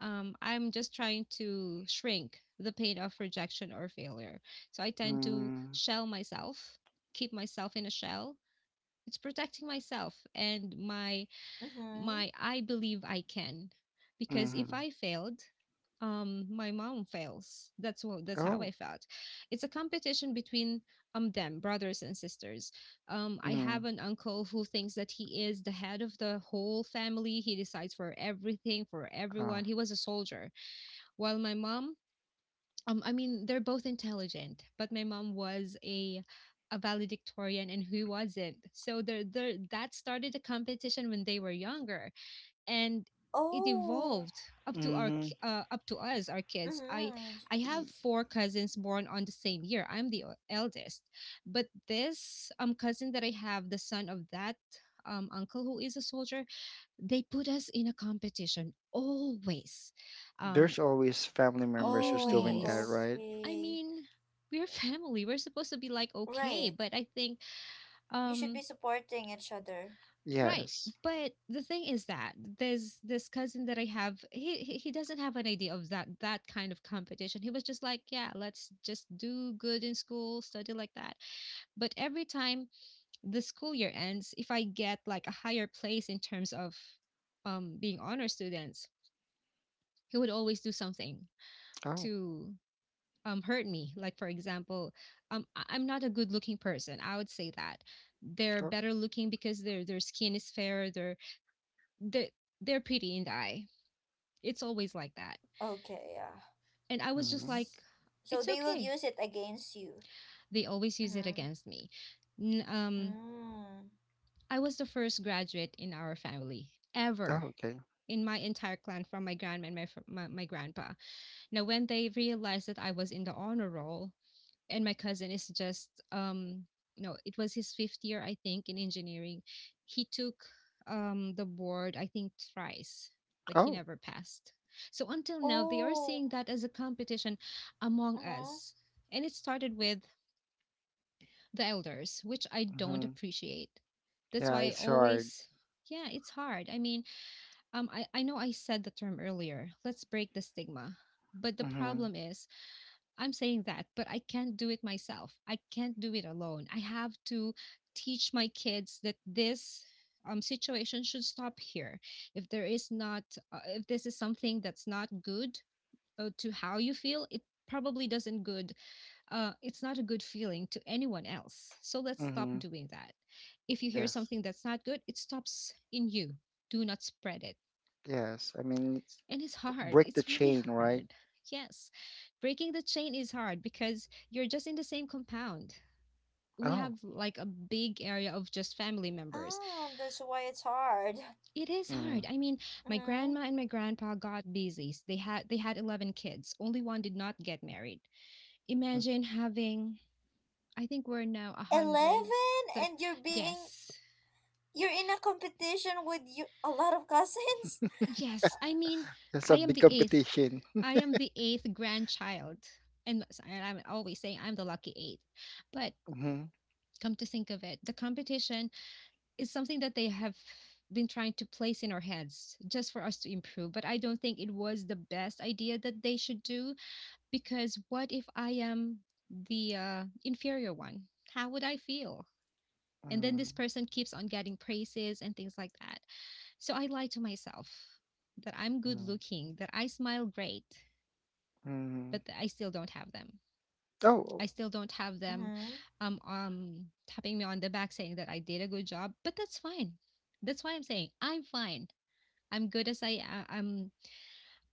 um, I'm just trying to shrink the pain of rejection or failure. So I tend to Mm, shell myself, keep myself in a shell. It's protecting myself and my Mm-hmm. my I believe I can. Because mm-hmm. if I failed, um my mom fails. That's what that's how I Oh. felt. It's a competition between um them, brothers and sisters. Um I Mm-hmm. have an uncle who thinks that he is the head of the whole family. He decides for everything, for Oh. everyone. He was a soldier while my mom, um, I mean, they're both intelligent, but my mom was a a valedictorian and who wasn't. So there, there that started a competition when they were younger, and it Oh. evolved up to our Mm-hmm. ki- uh, up to us, our kids. I Mm-hmm. I have four cousins born on the same year. I'm the o- eldest, but this um cousin that I have, the son of that um uncle who is a soldier, they put us in a competition always. Um, There's always family members who's doing that, Oh. Always. right? I Okay. mean, we're family. We're supposed to be like okay, Right. but I think You should be um supporting each other. right. Yes. But the thing is that there's this cousin that I have. He he he doesn't have an idea of that that kind of competition. He was just like, yeah, let's just do good in school, study like that. But every time the school year ends, if I get like a higher place in terms of um being honor students, he would always do something Oh. to um hurt me, like for example um I- I'm not a good looking person, I would say that they're Oh. better looking because their their skin is fairer. They're they they're pretty in the eye. It's always like that, Okay. Yeah. and I was just Mm-hmm. like So it's they will okay, use it against you. they always use it Mm-hmm. against me. N- um Mm. I was the first graduate in our family Oh, ever okay. in my entire clan, from my grandma and my, fr- my, my grandpa. Now when they realized that I was in the honor roll and my cousin is just um no, it was his fifth year I think in engineering. He took um the board I think thrice, but he Oh. never passed. So until now they are Oh. seeing that as a competition among Mm-hmm. us, and it started with the elders, which I don't Mm-hmm. appreciate. That's Yeah, why I it's hard. always yeah, it's hard. I mean, um i, I know I said the term earlier, let's break the stigma, but the Hmm. problem is I'm saying that, but I can't do it myself. I can't do it alone. I have to teach my kids that this um, situation should stop here. If there is not, uh, if this is something that's not good, uh, to how you feel, it probably doesn't good. Uh, it's not a good feeling to anyone else. So let's stop Mm-hmm. doing that. If you hear Yes. something that's not good, it stops in you. Do not spread it, Yes. I mean, it's and it's b- hard. break the It's really chain, right? hard. Yes. Breaking the chain is hard because you're just in the same compound. We Oh. have like a big area of just family members. Ah, that's why it's hard. It is Mm-hmm. hard. I mean, my Mm-hmm. grandma and my grandpa got busy. They had they had eleven kids. Only one did not get married. Mm-hmm. Imagine having I think we're now a hundred. Eleven, and you're being Yes. you're in a competition with you a lot of cousins. Yes, I mean, That's a I am big the eighth. competition. I am the eighth grandchild, and s- and I'm always saying I'm the lucky eighth. But Mm-hmm. come to think of it, the competition is something that they have been trying to place in our heads just for us to improve. But I don't think it was the best idea that they should do because what if I am the uh, inferior one? How would I feel? And then Mm-hmm. this person keeps on getting praises and things like that. So I lie to myself that I'm good looking, that I smile great, Mm-hmm. but I still don't have them. Oh. I still don't have them Mm-hmm. um, um, tapping me on the back saying that I did a good job, but that's fine. That's why I'm saying I'm fine. I'm good as I am. I'm,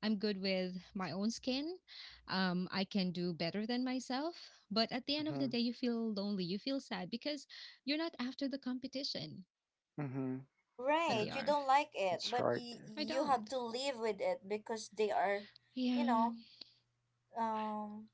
I'm good with my own skin. Um, I can do better than myself. But at the end of Mm-hmm. the day, you feel lonely. You feel sad because you're not after the competition, Mm-hmm. but Yeah. Right. they You are. don't like it, It's but hard. you I you have don't. to live with it because they are, you Yeah. know, um,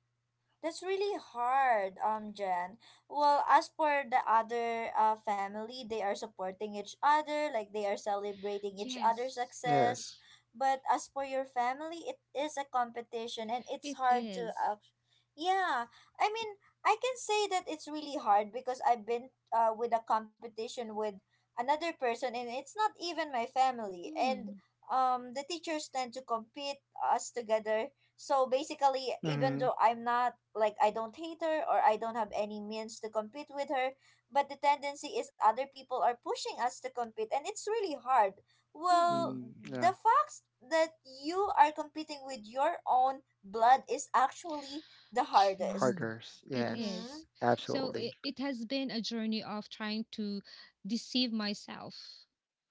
That's really hard, um, Jen. Well, as for the other uh, family, they are supporting each other, like they are celebrating each other's Yes. success. Yes. But as for your family, it is a competition and it's It hard to is. act. Yeah, I mean, I can say that it's really hard because I've been uh, with a competition with another person, and it's not even my family. And Hmm. um, the teachers tend to compete us together, so basically, even Mm-hmm. though I'm not like I don't hate her or I don't have any means to compete with her. But the tendency is other people are pushing us to compete, and it's really hard. Well, Mm-mm. Mm. the Yeah. fact that you are competing with your own blood is actually the hardest. True. Harders. It Yes. Mm-hmm. is. So it, Absolutely. it has been a journey of trying to deceive myself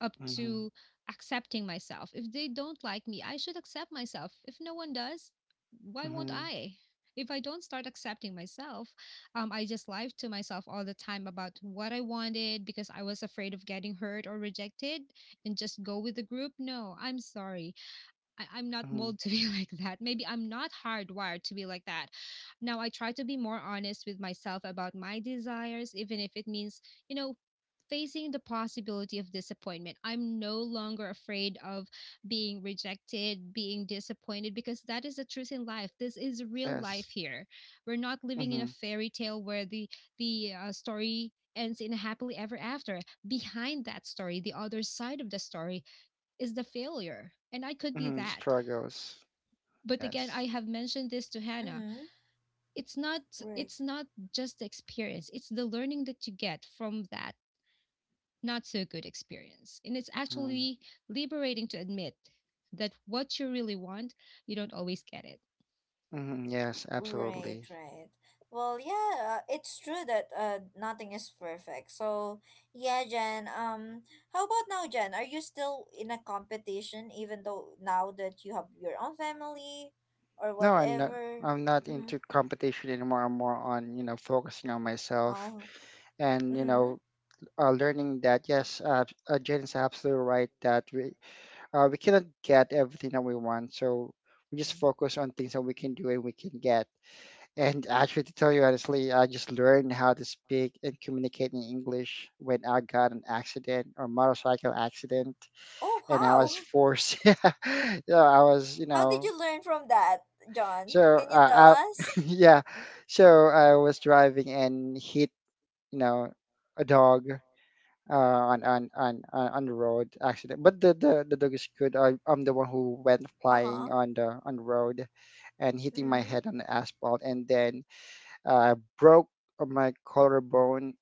up Mm-hmm. to accepting myself. If they don't like me, I should accept myself. If no one does, why won't Mm-hmm. I? If I don't start accepting myself, um, I just lied to myself all the time about what I wanted because I was afraid of getting hurt or rejected and just go with the group. No, I'm sorry. I, I'm not Mm-hmm. moulded to be like that. Maybe I'm not hardwired to be like that. Now I try to be more honest with myself about my desires, even if it means, you know, facing the possibility of disappointment. I'm no longer afraid of being rejected, being disappointed, because that is the truth in life. This is real life Yes. here. We're not living in a Mm-hmm. fairy tale where the the uh, story ends in a happily ever after. Behind that story, the other side of the story is the failure, and I could be Mm-hmm. that, Struggles. but again Yes. I have mentioned this to Hannah. Mm-hmm. it's not Right. it's not just the experience, it's the learning that you get from that not so good experience, and it's Mm-hmm. actually liberating to admit that what you really want you don't always get it. Mm-hmm. Yes. Right, Absolutely. right. Well, yeah, uh, it's true that uh, nothing is perfect. So, yeah, Jen. Um, how about now, Jen? Are you still in a competition, even though now that you have your own family, or No, I'm not. whatever? I'm not Mm-hmm. into competition anymore. I'm more on, you know, focusing on myself Oh. and, you Mm-hmm. know, uh, learning that yes, uh, uh, Jen is absolutely right that we uh, we cannot get everything that we want. So we just Mm. focus on things that we can do and we can get. And actually, to tell you honestly, I just learned how to speak and communicate in English when I got an accident or motorcycle accident, Oh, and I was how? forced. yeah, I was, you How did know, you learn from that, so, John? Can you tell uh, I, us? yeah, so I was driving and hit, you know, a dog uh, on, on on on on the road accident. But the, the the dog is good. I, I'm the one who went Uh flying huh. on the on the road, and hitting my Mm-hmm. head on the asphalt, and then uh, broke my collarbone.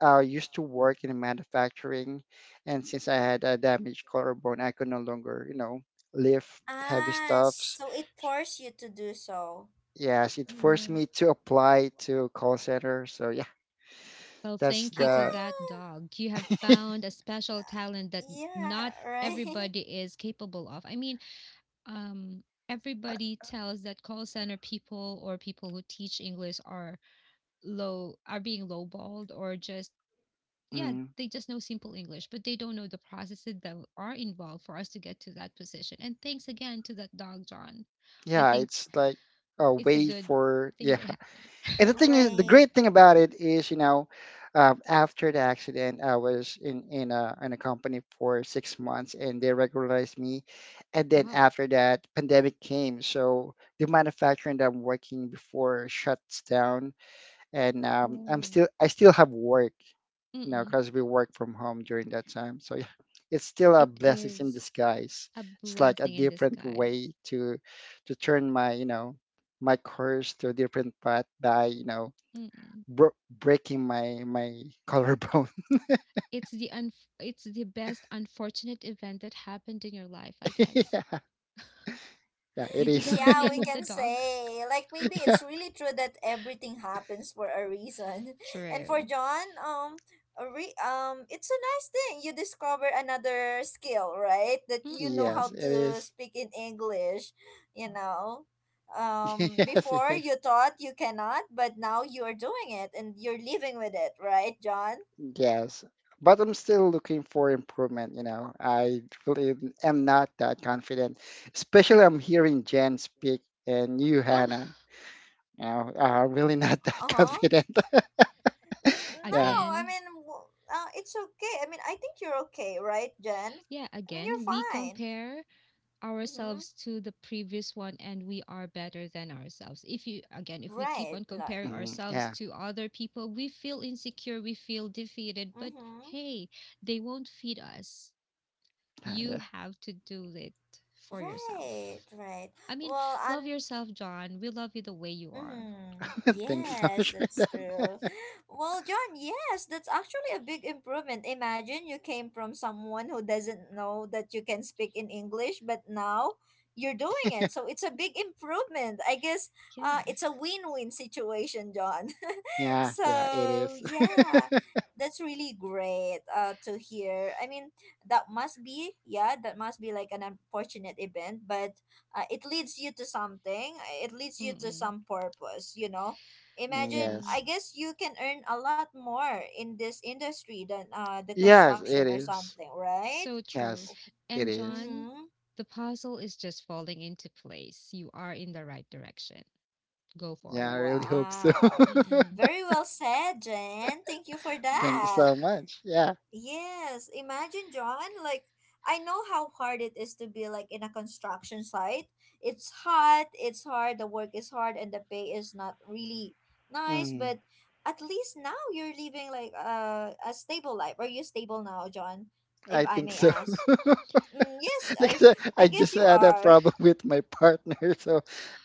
I used to work in manufacturing, and since I had a damaged collarbone, I could no longer, you know, lift heavy Ah, stuff. so it forced you to do so. Yes, it forced Mm-hmm. me to apply to call center. So yeah, Well, that's thank you to the that Ah. dog. You have found a special talent that Yeah, not right. everybody is capable of. I mean, um, everybody tells that call center people or people who teach English are low, are being lowballed, or just yeah, mm, they just know simple English, but they don't know the processes that are involved for us to get to that position. And thanks again to that dog, John. I yeah, think it's like a it's a way good for thing yeah. that happened. And the thing is, the Right. great thing about it is, you know, um, after the accident, I was in in a in a company for six months, and they regularized me. And then Wow. after that, pandemic came, so the manufacturing that I'm working before shuts down, and um, I'm Oh. still I still have work. You know, Mm-mm. because we work from home during that time. So yeah, it's still a It blessing in is disguise. a It's like a blessing in different disguise. way to to turn my, you know, my course to a different path by, you know, Mm-mm. bro- breaking my my collarbone. It's the un- it's the best unfortunate event that happened in your life, I guess. yeah, yeah, it Did you is. get the Yeah, name we of the can dog? say. Like, maybe yeah, it's really true that everything happens for a reason. And for True. John, um a re- um it's a nice thing, you discover another skill, right? That you know yes, how Mm-mm. it to is. speak in English, you know. Um yes, it Before is. you thought you cannot, but now you're doing it and you're living with it, right, John? Yes. But I'm still looking for improvement, you know. I really am not that confident, especially I'm hearing Jen speak and you, Oh, Hannah. Yeah, uh, really not that Uh-huh. confident. N- yeah, No, I again. mean, w- uh, it's okay. I mean, I think you're okay, right, Jen? Yeah, I mean, you're again, we fine. compare Mm-hmm. ourselves to the previous one and we are better than ourselves. If you again if we keep Right, on Lar. comparing mm, ourselves yeah, to other people, we feel insecure, we feel defeated, but Mm-hmm. hey, they won't feed us, uh, yeah. you have to do it for Right, yourself. right. I mean, Well, and love yourself, John, we love you the way you are. mm-hmm. Thanks so Yes, much for that's true. Well, John, yes, that's actually a big improvement. Imagine, you came from someone who doesn't know that you can speak in English, but now you're doing it. that. So it's a big improvement, I guess. Uh, yeah. It's a win-win situation, John. yeah, yeah, it So, is. yeah, that's really great uh, to hear. I mean, that must be, yeah, that must be like an unfortunate event, but uh, it leads you to something uh, it leads you to Mm-mm, some purpose you know Mm, Imagine, mm-mm. yes, I guess you can earn a lot more in this industry than uh the yes, construction it or is. something, right? So true. Oh, Yes, it And is. John, mm-hmm. the puzzle is just falling into place, you are in the right direction, go Yeah, I forward. really hope so. Wow. Mm-mm. Very well said, Jen, thank you for Thank you that. so much. Yeah, Yes, imagine, John. Like, I know how hard it is to be like in a construction site. It's hot, it's hard, the work is hard, and the pay is not really nice, mm, but at least now you're living like a a stable life. Are you stable now, John? If I I think may so. ask. Mm, yes, Like I I said, I I just guess you had a are. problem with my partner, so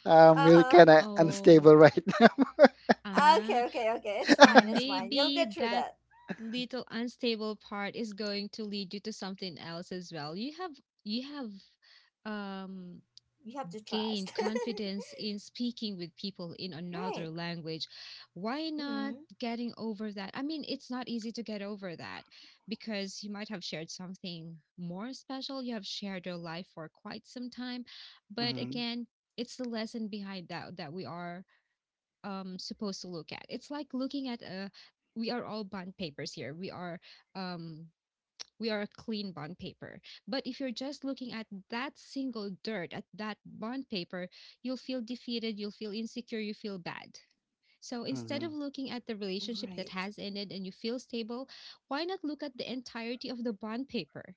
I'm really Uh-huh. kind of Oh, unstable right now. ah, Okay, okay, okay. It's fine, it's fine. You'll maybe get through that that. little unstable part is going to lead you to something else as well. You have you have um You have to trust. gained confidence in speaking with people in another Right. language. Why not Mhm. getting over that? I mean, it's not easy to get over that because you might have shared something more special. You have shared your life for quite some time, but hmm again, it's the lesson behind that that we are um supposed to look at. It's like looking at a we are all bond papers here. We are um we are a clean bond paper, but if you're just looking at that single dirt at that bond paper, you'll feel defeated, you'll feel insecure, you feel bad. So instead hmm of looking at the relationship that Right. has ended and you feel stable, why not look at the entirety of the bond paper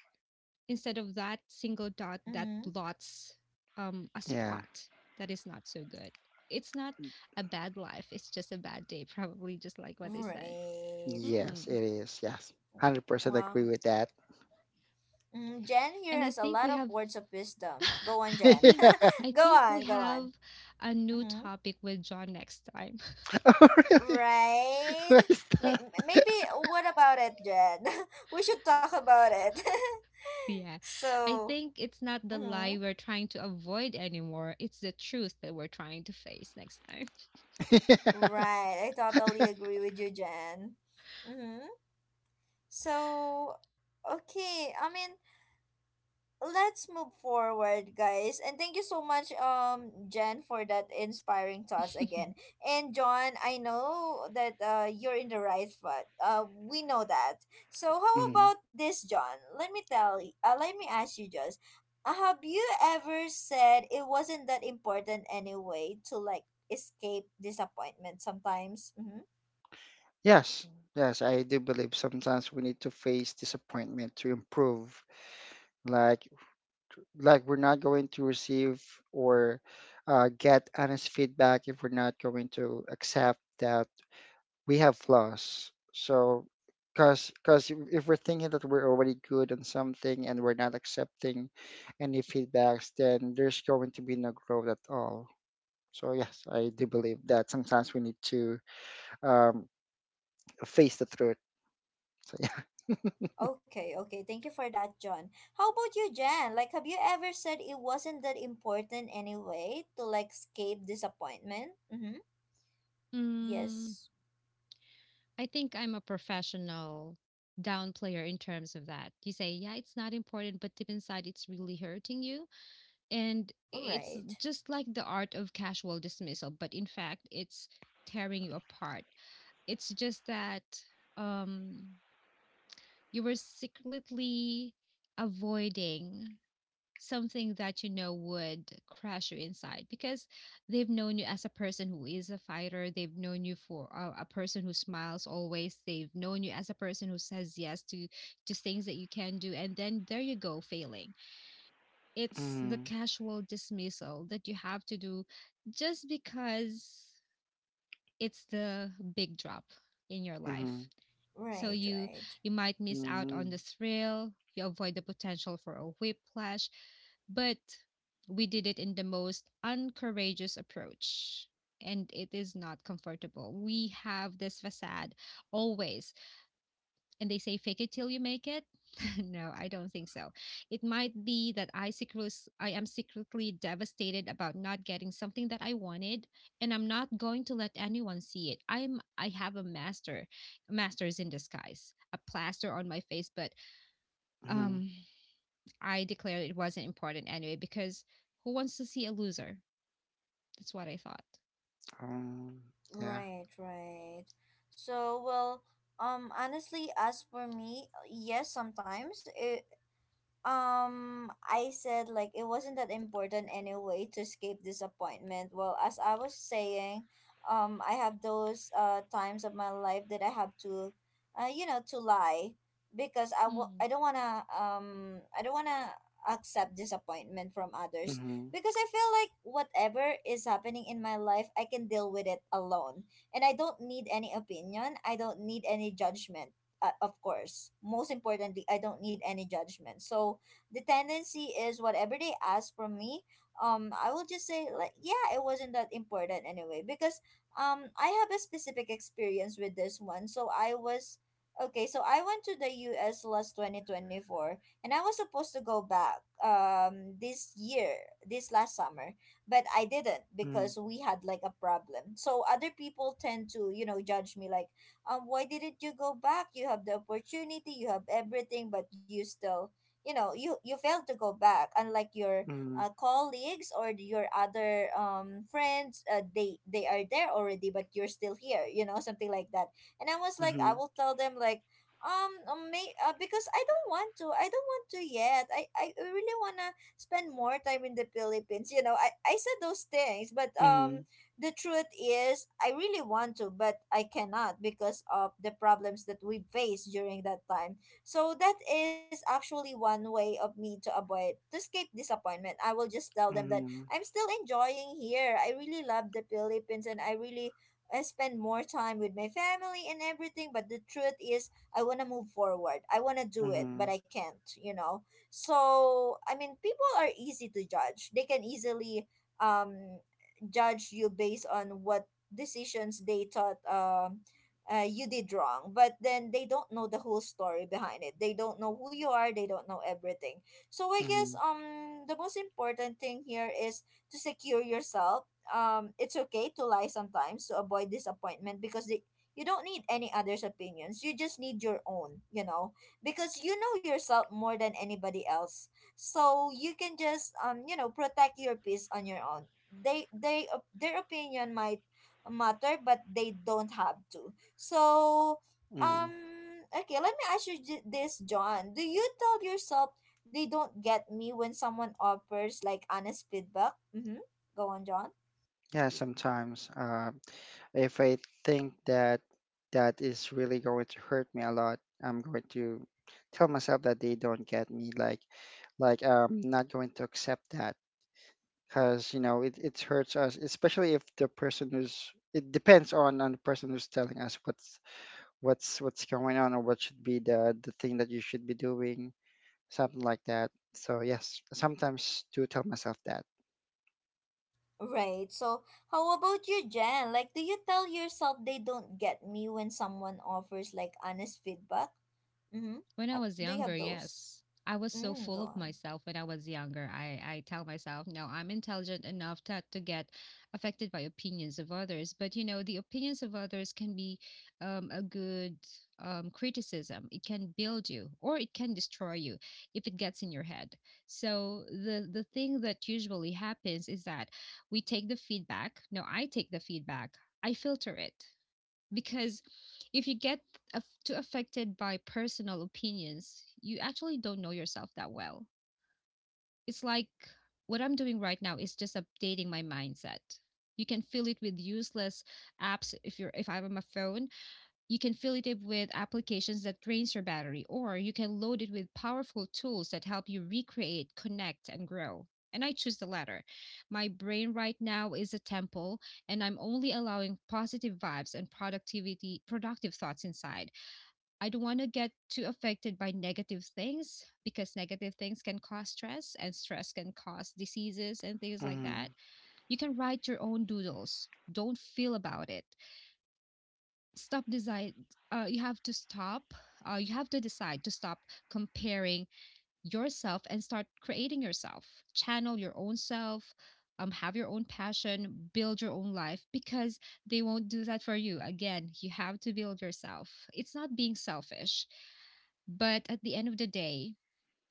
instead of that single dot that Mhm. blots um, a Yeah. spot that is not so good. It's not a bad life. It's just a bad day, probably, just like what they said. Right. Hmm. Yes, it is. Yes. one hundred percent agree Wow. with that. Mm, Jen here And has I a lot think we of have, words of wisdom. Go on, I Jen. Yeah. think, I Go think on, we go on. have a new Mm-hmm. topic with John next time. Oh, really? Right. Why May- that? m- Maybe what about it, Jen? We should talk about it. Yeah. I So, think it's not the mm-hmm. lie we're trying to avoid anymore. It's the truth that we're trying to face next time. Yeah. Right. I totally agree with you, Jen. Mm-hmm. So, okay. I mean, let's move forward, guys, and thank you so much, um Jen, for that inspiring thoughts again. And John, I know that uh you're in the right foot, uh we know that. So how Mhm. about this, John, let me tell you uh, let me ask you just, uh, have you ever said it wasn't that important anyway to like escape disappointment sometimes? Mhm. Yes. Yes, I do believe sometimes we need to face disappointment to improve. Like, like we're not going to receive or uh, get honest feedback if we're not going to accept that we have flaws. So, because because if we're thinking that we're already good on something and we're not accepting any feedbacks, then there's going to be no growth at all. So yes, I do believe that sometimes we need to um, face the truth. So yeah. Okay, okay. Thank you for that, John. How about you, Jan? Like, have you ever said it wasn't that important anyway to like escape disappointment? Mm-hmm. Mm, Yes. I think I'm a professional downplayer in terms of that. You say, yeah, it's not important, but deep inside, it's really hurting you. And it's Right. just like the art of casual dismissal, but in fact, it's tearing you apart. It's just that um, you were secretly avoiding something that you know would crush you inside, because they've known you as a person who is a fighter, they've known you for a, a person who smiles always, they've known you as a person who says yes to to things that you can do, and then there you go failing. It's the Mm, casual dismissal that you have to do just because it's the big drop in your life. mhm, So Right, you right. you might miss out on mhm, the thrill, you avoid the potential for a whiplash, but we did it in the most uncourageous approach, and it is not comfortable. We have this facade always, and they say fake it till you make it. No, I don't think so. It might be that I secretly i am secretly devastated about not getting something that I wanted, and I'm not going to let anyone see it. I'm i have a master masters in disguise, a plaster on my face, but mhm, um I declared it wasn't important anyway, because who wants to see a loser? That's what I thought. um, yeah. Right, right. So, well, um honestly, as for me, yes, sometimes it. Um, I said like it wasn't that important anyway to escape disappointment. Well, as I was saying, um, I have those uh times of my life that I have to, uh, you know, to lie because I w- Mm. I don't wanna um I don't wanna accept disappointment from others Mhm, because I feel like whatever is happening in my life I can deal with it alone, and I don't need any opinion, I don't need any judgment. Uh, of course, most importantly, I don't need any judgment. So the tendency is, whatever they ask from me, um, I will just say like, yeah, it wasn't that important anyway, because um, I have a specific experience with this one. So I was okay. So I went to the U S last twenty twenty four, and I was supposed to go back um this year this last summer, but I didn't mhm, because we had like a problem. So other people tend to, you know judge me like, um, why didn't you go back? You have the opportunity, you have everything, but you still, you know, you you failed to go back. Unlike your mhm, uh, colleagues or your other um friends, uh, they they are there already, but you're still here. You know, something like that. And I was like, I mhm, will tell them like. Um, um, may, uh, because I don't want to. I don't want to yet. I, I really wanna spend more time in the Philippines. You know, I, I said those things, but mhm, um, the truth is I really want to, but I cannot because of the problems that we face during that time. So that is actually one way of me to avoid to escape disappointment. I will just tell them that mhm, I'm still enjoying here. I really love the Philippines, and I really I spend more time with my family and everything, but the truth is, I want to move forward. I want to do it, but mhm, I can't, you know? So, I mean, people are easy to judge. They can easily um judge you based on what decisions they thought um uh, you did wrong, but then they don't know the whole story behind it, they don't know who you are, they don't know everything. So I guess mhm. um the most important thing here is to secure yourself. Um it's okay to lie sometimes to avoid disappointment because, they, you don't need any other's opinions, you just need your own, you know, because you know yourself more than anybody else. So you can just um you know protect your peace on your own. They they op- their opinion might matter, but they don't have to. So um mhm. okay, let me ask you, j- this John, do you tell yourself they don't get me when someone offers like honest feedback? Mm-hmm. Go on, John. Yeah, sometimes, uh, if I think that that is really going to hurt me a lot, I'm going to tell myself that they don't get me, like, like I'm not going to accept that. Because you know it, it hurts us, especially if the person who's it depends on on the person who's telling us what's what's what's going on or what should be the the thing that you should be doing, something like that. So yes, I sometimes do tell myself that. Right. So how about you, Jen, like, do you tell yourself they don't get me when someone offers like honest feedback? Mm-hmm. When I uh, was Do you younger, have those. yes. I was so mm, Go full of on. myself when I was younger. I, I tell myself, no, I'm intelligent enough not to get affected by opinions of others. But, you know, the opinions of others can be um, a good um, criticism. It can build you or it can destroy you if it gets in your head. So the, the thing that usually happens is that we take the feedback. No, I take the feedback. I filter it because if you get aff- too affected by personal opinions, you actually don't know yourself that well. It's like what I'm doing right now is just updating my mindset. You can fill it with useless apps if you're if I'm on my phone, you can fill it up with applications that drains your battery, or you can load it with powerful tools that help you recreate, connect, and grow. And I choose the latter. My brain right now is a temple, and I'm only allowing positive vibes and productivity, productive thoughts inside. I don't want to get too affected by negative things because negative things can cause stress, and stress can cause diseases and things like that. Hmm. You can write your own doodles. Don't feel about it stop decide uh, you have to stop uh, you have to decide to stop comparing yourself and start creating yourself, channel your own self, um, have your own passion, build your own life, because they won't do that for you. Again, you have to build yourself. It's not being selfish, but at the end of the day,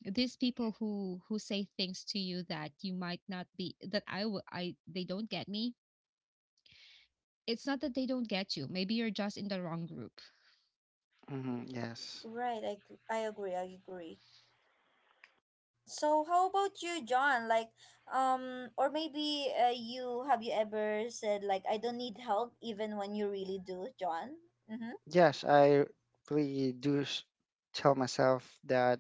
these people who who say things to you that you might not be that i will i they don't get me. It's not that they don't get you. Maybe you're just in the wrong group. Hmm. Yes, Right, I, g- I agree, I agree, So how about you, John? Like, um, or maybe, uh, you have you ever said like I don't need help even when you really do, John? Mm-hmm. yes, I really do s- tell myself that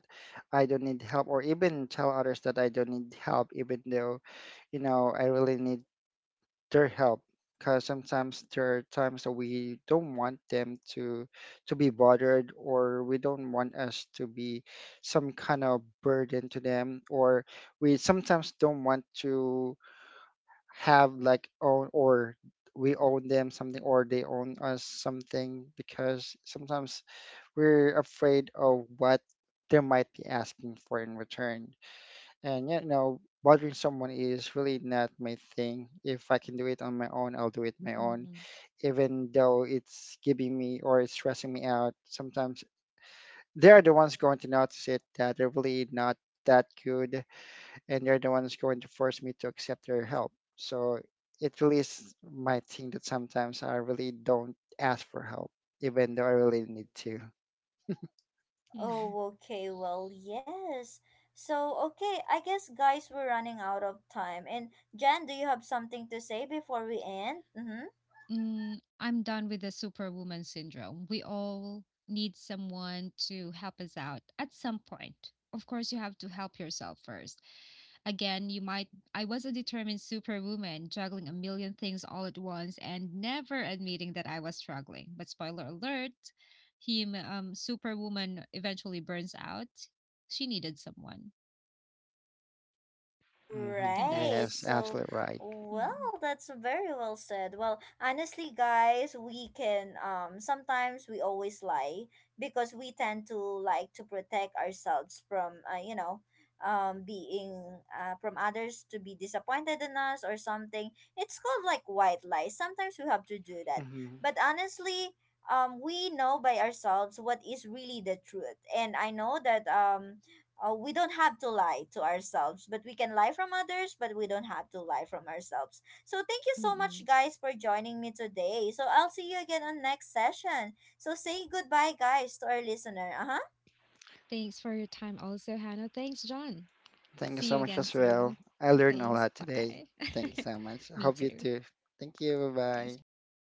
I don't need help or even tell others that I don't need help, even though you know I really need their help, because sometimes there are times that we don't want them to to be bothered, or we don't want us to be some kind of burden to them, or we sometimes don't want to have like own or we own them something or they own us something, because sometimes we're afraid of what they might be asking for in return. And yeah, you know, bothering someone is really not my thing. If I can do it on my own, I'll do it my own, Mm-mm. even though it's giving me or it's stressing me out. Sometimes they are the ones going to notice it that they're really not that good, and they're the ones going to force me to accept their help. So it really is my thing that sometimes I really don't ask for help, even though I really need to. Mm. Oh, okay. Well, yes. So okay, I guess, guys, we're running out of time. And Jan, do you have something to say before we end? Mm-hmm. Mm, I'm done with the superwoman syndrome. We all need someone to help us out at some point. Of course, you have to help yourself first. Again, you might. I was a determined superwoman, juggling a million things all at once and never admitting that I was struggling. But spoiler alert, him, um, superwoman eventually burns out. She needed someone, Hmm. and Right. Yes, that's. So, absolutely right. Mm. well, that's very well said. Well, honestly, guys, we can um sometimes we always lie because we tend to like to protect ourselves from uh, you know, um being uh, from others, to be disappointed in us or something. It's called like white lies. Sometimes we have to do that. Mhm. But honestly, um we know by ourselves what is really the truth. And I know that um uh, we don't have to lie to ourselves, but we can lie from others, but we don't have to lie from ourselves. So thank you so much, Mm-mm. guys, for joining me today. So I'll see you again on next session. So say goodbye, guys, to our listener. Uh huh. Thanks for your time, also, Hannah. Thanks, John. Thank you See so you much again as well. soon. I learned a Thanks. lot today. Bye. Thank you so much. I Me hope you too. too. Thank you. Bye Thanks. bye. Bye.